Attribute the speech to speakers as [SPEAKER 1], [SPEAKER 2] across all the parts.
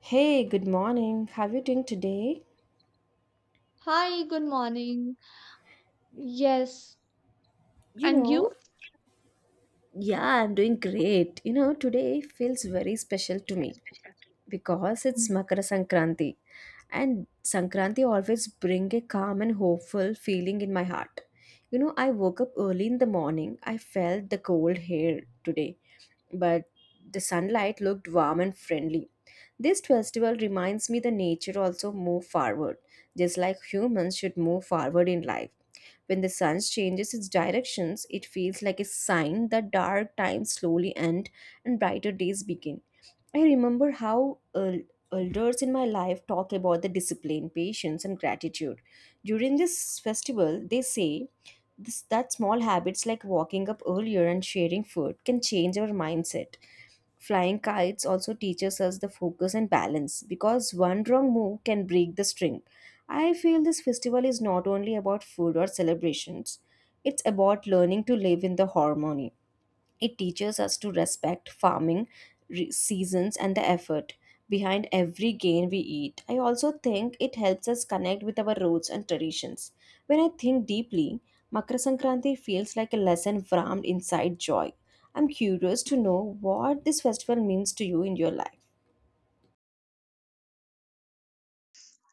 [SPEAKER 1] Hey, good morning. How are you doing today?
[SPEAKER 2] Hi, good morning. Yes.
[SPEAKER 1] You
[SPEAKER 2] And
[SPEAKER 1] know,
[SPEAKER 2] you?
[SPEAKER 1] yeah, I'm doing great. You know, today feels very special to me because it's Makara Sankranti. And Sankranti always bring a calm and hopeful feeling in my heart. You know, I woke up early in the morning. I felt the cold hair today, but the sunlight looked warm and friendly. This festival reminds me the nature also move forward, just like humans should move forward in life. When the sun changes its directions, it feels like a sign that dark times slowly end and brighter days begin. I remember how elders in my life talk about the discipline, patience, and gratitude. During this festival, they say this, that small habits like walking up earlier and sharing food can change our mindset. Flying kites also teaches us the focus and balance because one wrong move can break the string. I feel this festival is not only about food or celebrations, it's about learning to live in the harmony. It teaches us to respect farming, seasons, and the effort behind every grain we eat. I also think it helps us connect with our roots and traditions. When I think deeply, Makar Sankranti feels like a lesson wrapped inside joy. I'm curious to know what this festival means to you in your life.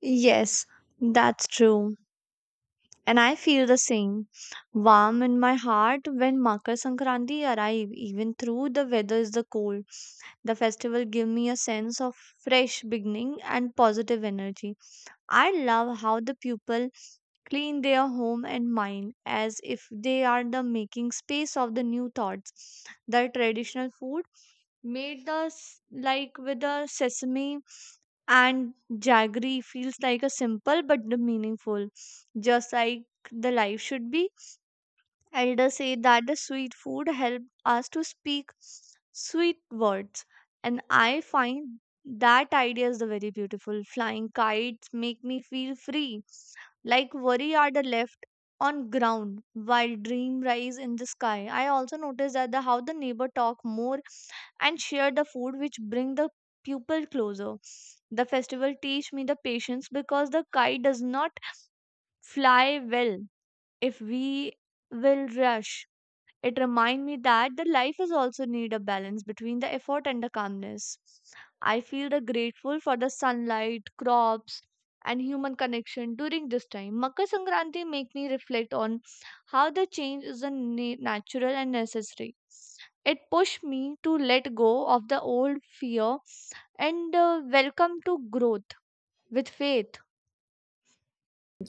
[SPEAKER 2] Yes, that's true. And I feel the same warm in my heart when Makar Sankranti arrive. Even through the weather is the cold, the festival give me a sense of fresh beginning and positive energy. I love how the people clean their home and mind as if they are the making space of the new thoughts. The traditional food made the like with the sesame and jaggery feels like a simple but the meaningful, just like the life should be. Elders say that the sweet food help us to speak sweet words, and I find that idea is the very beautiful. Flying kites make me feel free, like worry are the left on ground while dream rise in the sky. I also noticed that the how the neighbor talk more and share the food, which bring the people closer. The festival teach me the patience because the kite does not fly well if we will rush. It remind me that the life is also need a balance between the effort and the calmness. I feel the grateful for the sunlight, crops and human connection during this time. Makar Sankranti make me reflect on how the change is a natural and necessary. It pushed me to let go of the old fear and welcome to growth with faith.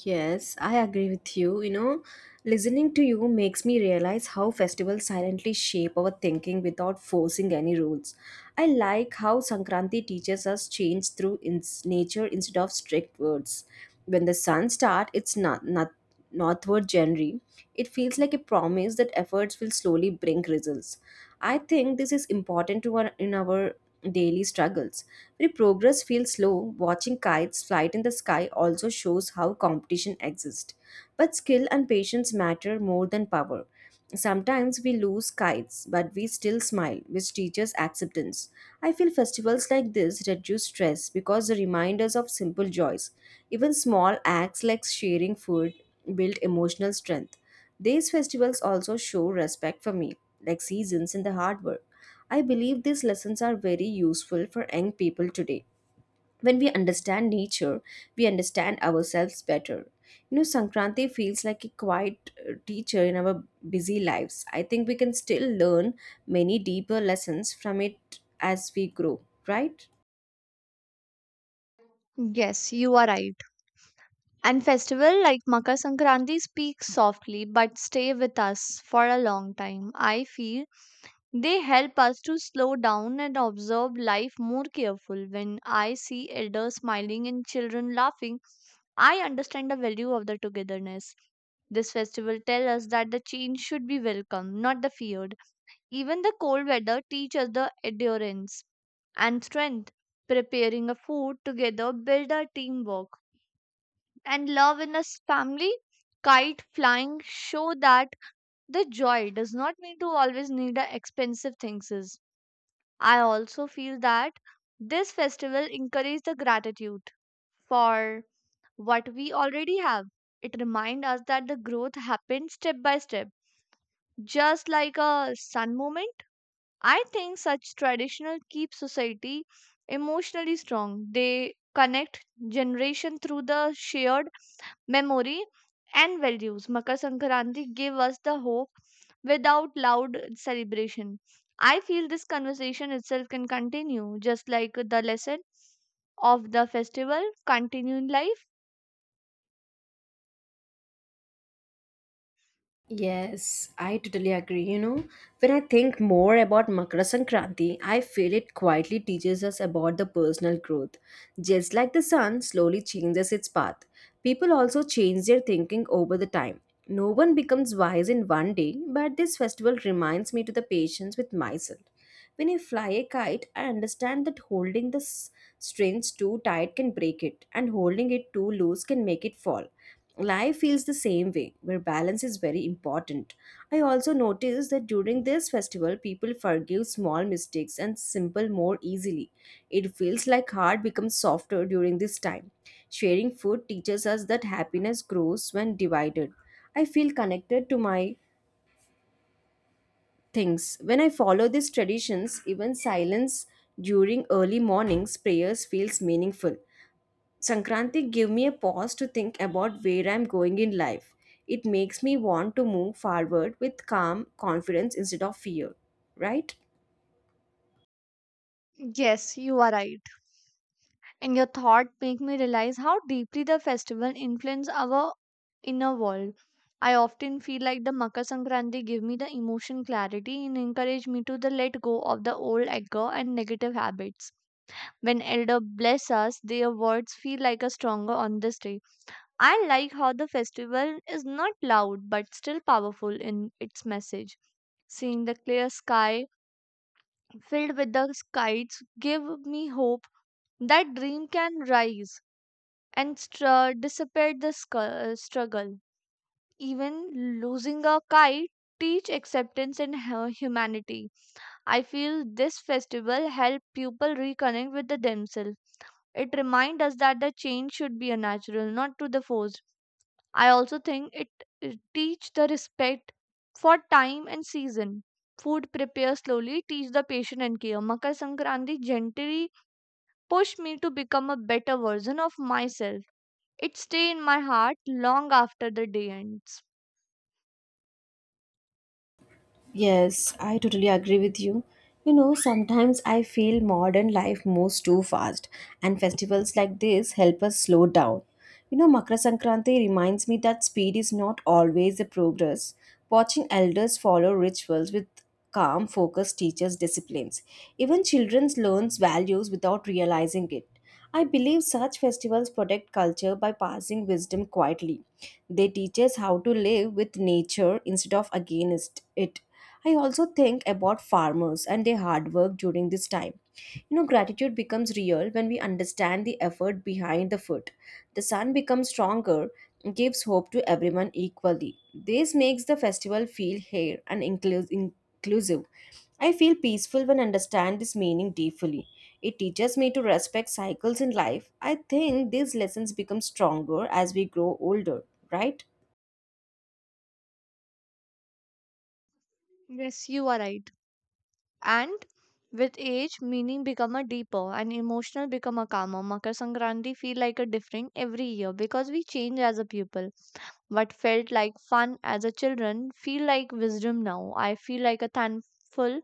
[SPEAKER 1] Yes, I agree with you. You know, listening to you makes me realize how festivals silently shape our thinking without forcing any rules. I like how Sankranti teaches us change through ins nature instead of strict words. When the sun starts, it's not northward January. It feels like a promise that efforts will slowly bring results. I think this is important to our daily struggles. While progress feels slow, watching kites fly in the sky also shows how competition exists. But skill and patience matter more than power. Sometimes we lose kites, but we still smile, which teaches acceptance. I feel festivals like this reduce stress because they remind us of simple joys. Even small acts like sharing food build emotional strength. These festivals also show respect for me, like seasons in the hard work. I believe these lessons are very useful for young people today. When we understand nature, we understand ourselves better. You know, Sankranti feels like a quiet teacher in our busy lives. I think we can still learn many deeper lessons from it as we grow, right?
[SPEAKER 2] Yes, you are right. And festival like Makar Sankranti speak softly but stay with us for a long time. I feel they help us to slow down and observe life more careful. When I see elders smiling and children laughing, I understand the value of the togetherness. This festival tells us that the change should be welcome, not the feared. Even the cold weather teaches the endurance and strength. Preparing a food together build our teamwork and love in a family. Kite flying show that the joy does not need to always need a expensive things. Is. I also feel that this festival encourages the gratitude for what we already have. It reminds us that the growth happens step by step, just like a sun moment. I think such traditional keep society emotionally strong. They connect generation through the shared memory and values. Makar Sankranti gave us the hope without loud celebration. I feel this conversation itself can continue just like the lesson of the festival continue in life.
[SPEAKER 1] Yes, I totally agree. You know, when I think more about Makara Sankranti, I feel it quietly teaches us about the personal growth. Just like the sun slowly changes its path, people also change their thinking over the time. No one becomes wise in one day, but this festival reminds me to the patience with myself. When I fly a kite, I understand that holding the strings too tight can break it, and holding it too loose can make it fall. Life feels the same way, where balance is very important. I also noticed that during this festival, people forgive small mistakes and simple more easily. It feels like heart becomes softer during this time. Sharing food teaches us that happiness grows when divided. I feel connected to my things. When I follow these traditions, even silence during early mornings prayers feels meaningful. Sankranti give me a pause to think about where I'm going in life. It makes me want to move forward with calm confidence instead of fear, right?
[SPEAKER 2] Yes, you are right. And your thought make me realize how deeply the festival influence our inner world. I often feel like the Makar Sankranti give me the emotion clarity and encourage me to the let go of the old anger and negative habits. When elder bless us, their words feel like a stronger on this day. I like how the festival is not loud but still powerful in its message. Seeing the clear sky filled with the kites give me hope that dream can rise and dissipate the struggle. Even losing a kite teach acceptance and humanity. I feel this festival help people reconnect with the themselves. It reminds us that the change should be a natural, not to the forced. I also think it teach the respect for time and season. Food prepare slowly, teach the patient and care. Makar Sankranti gently pushed me to become a better version of myself. It stay in my heart long after the day ends.
[SPEAKER 1] Yes, I totally agree with you. You know, sometimes I feel modern life moves too fast, and festivals like this help us slow down. You know, Makra Sankranti reminds me that speed is not always a progress. Watching elders follow rituals with calm focus teaches disciplines. Even children learn values without realizing it. I believe such festivals protect culture by passing wisdom quietly. They teach us how to live with nature instead of against it. I also think about farmers and their hard work during this time. You know, gratitude becomes real when we understand the effort behind the food. The sun becomes stronger, gives hope to everyone equally. This makes the festival feel fair and inclusive. I feel peaceful when I understand this meaning deeply. It teaches me to respect cycles in life. I think these lessons become stronger as we grow older, right?
[SPEAKER 2] Yes, you are right. And with age, meaning become a deeper and emotional become a calmer. Makar Sankranti feel like a different every year because we change as a people. What felt like fun as a children feel like wisdom now. I feel like a thankful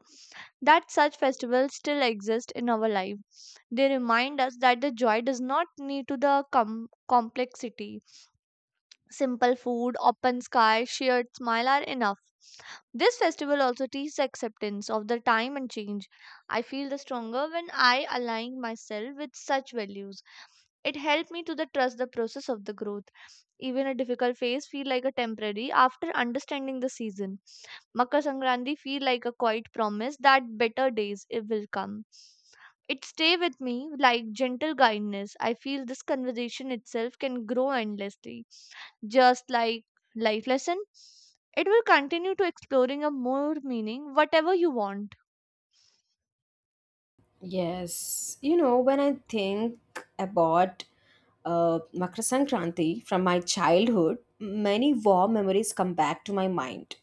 [SPEAKER 2] that such festivals still exist in our life. They remind us that the joy does not need to the complexity. Simple food, open sky, shared smile are enough. This festival also teaches acceptance of the time and change. I feel the stronger when I align myself with such values. It helped me to the trust the process of the growth. Even a difficult phase feel like a temporary after understanding the season. Makar Sankranti feel like a quiet promise that better days it will come. It stay with me like gentle guidance. I feel this conversation itself can grow endlessly, just like life lesson, it will continue to exploring a more meaning whatever you want.
[SPEAKER 1] Yes, you know, when I think about Makar Sankranti from my childhood, many warm memories come back to my mind.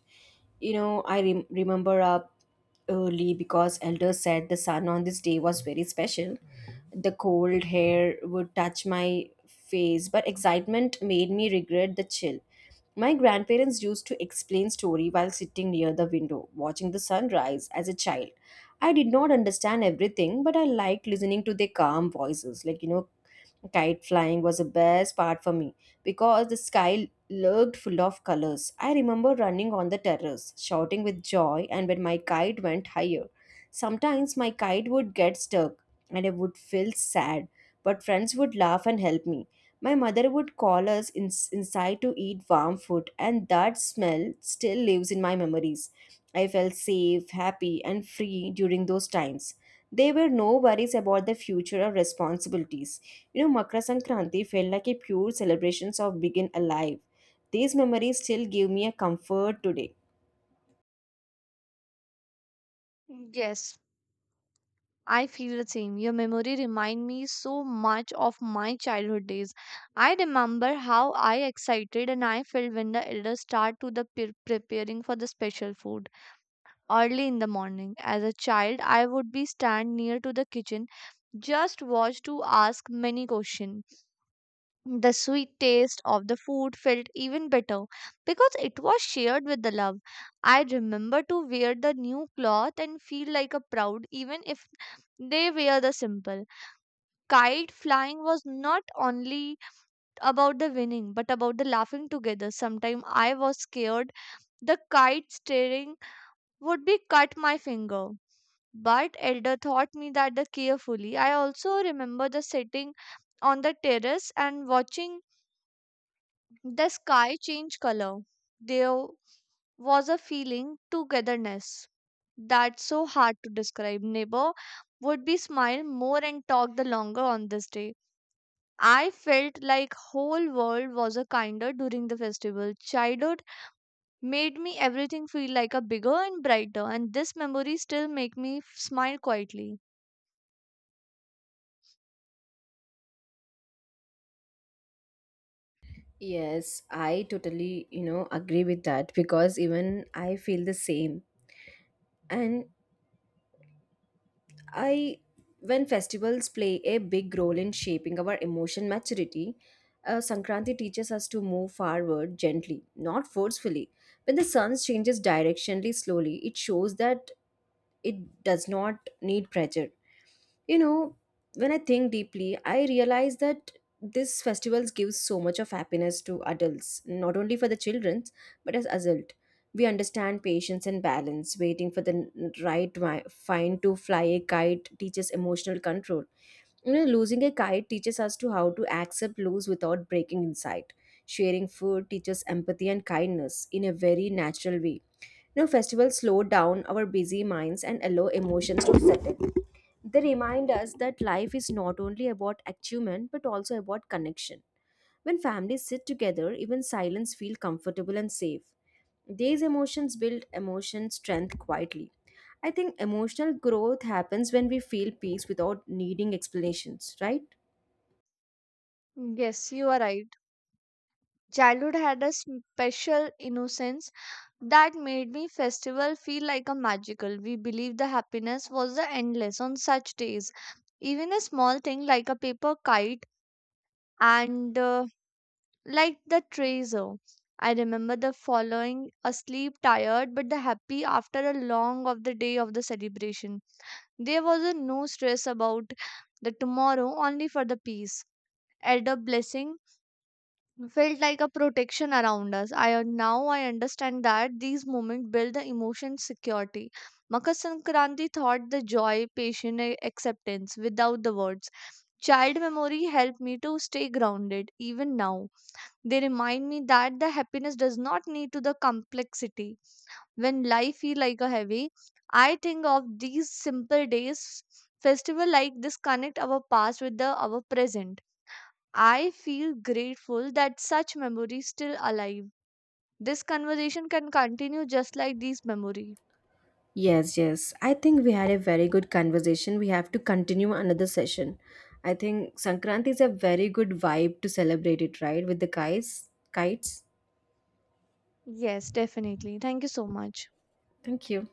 [SPEAKER 1] You know, I remember up early because elders said the sun on this day was very special. The cold hair would touch my face, but excitement made me regret the chill. My grandparents used to explain story while sitting near the window, watching the sunrise as a child. I did not understand everything, but I liked listening to their calm voices. Like, you know, kite flying was the best part for me because the sky looked full of colors. I remember running on the terrace, shouting with joy, and when my kite went higher, sometimes my kite would get stuck and I would feel sad, but friends would laugh and help me. My mother would call us inside to eat warm food, and that smell still lives in my memories. I felt safe, happy, and free during those times. There were no worries about the future or responsibilities. You know, Makra Sankranti felt like a pure celebration of being alive. These memories still give me a comfort today.
[SPEAKER 2] Yes. I feel the same. Your memory remind me so much of my childhood days. I remember how I excited and I felt when the elders start to the preparing for the special food early in the morning. As a child, I would be stand near to the kitchen, just watch to ask many question. The sweet taste of the food felt even better because it was shared with the love. I remember to wear the new cloth and feel like a proud even if they wear the simple. Kite flying was not only about the winning but about the laughing together. Sometimes I was scared the kite steering would be cut my finger. But Elder taught me that the carefully. I also remember the sitting on the terrace and watching the sky changed color. There was a feeling togetherness that's so hard to describe. Neighbor would be smile more and talk the longer on this day. I felt like whole world was a kinder during the festival. Childhood made me everything feel like a bigger and brighter, and this memory still make me smile quietly.
[SPEAKER 1] Yes, I totally, you know, agree with that because even I feel the same. And I when festivals play a big role in shaping our emotion maturity, Sankranti teaches us to move forward gently, not forcefully. When the sun changes directionally slowly, it shows that it does not need pressure. You know, when I think deeply, I realize that this festivals gives so much of happiness to adults, not only for the children, but as adult. We understand patience and balance. Waiting for the right fine to fly a kite teaches emotional control. You know, losing a kite teaches us to how to accept loss without breaking inside. Sharing food teaches empathy and kindness in a very natural way. You know, festivals slow down our busy minds and allow emotions to settle. They remind us that life is not only about achievement but also about connection. When families sit together, even silence feels comfortable and safe. These emotions build emotion strength quietly. I think emotional growth happens when we feel peace without needing explanations, right?
[SPEAKER 2] Yes, you are right. Childhood had a special innocence that made me festival feel like a magical. We believed the happiness was the endless on such days, even a small thing like a paper kite and like the tracer. I remember the following asleep, tired but the happy after a long of the day of the celebration. There was a no stress about the tomorrow, only for the peace. Elder blessing felt like a protection around us. Now I understand that these moments build the emotion security. Makar Sankranti taught the joy, patient acceptance without the words. Child memory helped me to stay grounded even now. They remind me that the happiness does not need to the complexity. When life feel like a heavy, I think of these simple days. Festival like this connect our past with the our present. I feel grateful that such memories still alive. This conversation can continue just like these memory.
[SPEAKER 1] Yes, yes. I think we had a very good conversation. We have to continue another session. I think Sankranti is a very good vibe to celebrate it, right? With the guys, kites.
[SPEAKER 2] Yes, definitely. Thank you so much.
[SPEAKER 1] Thank you.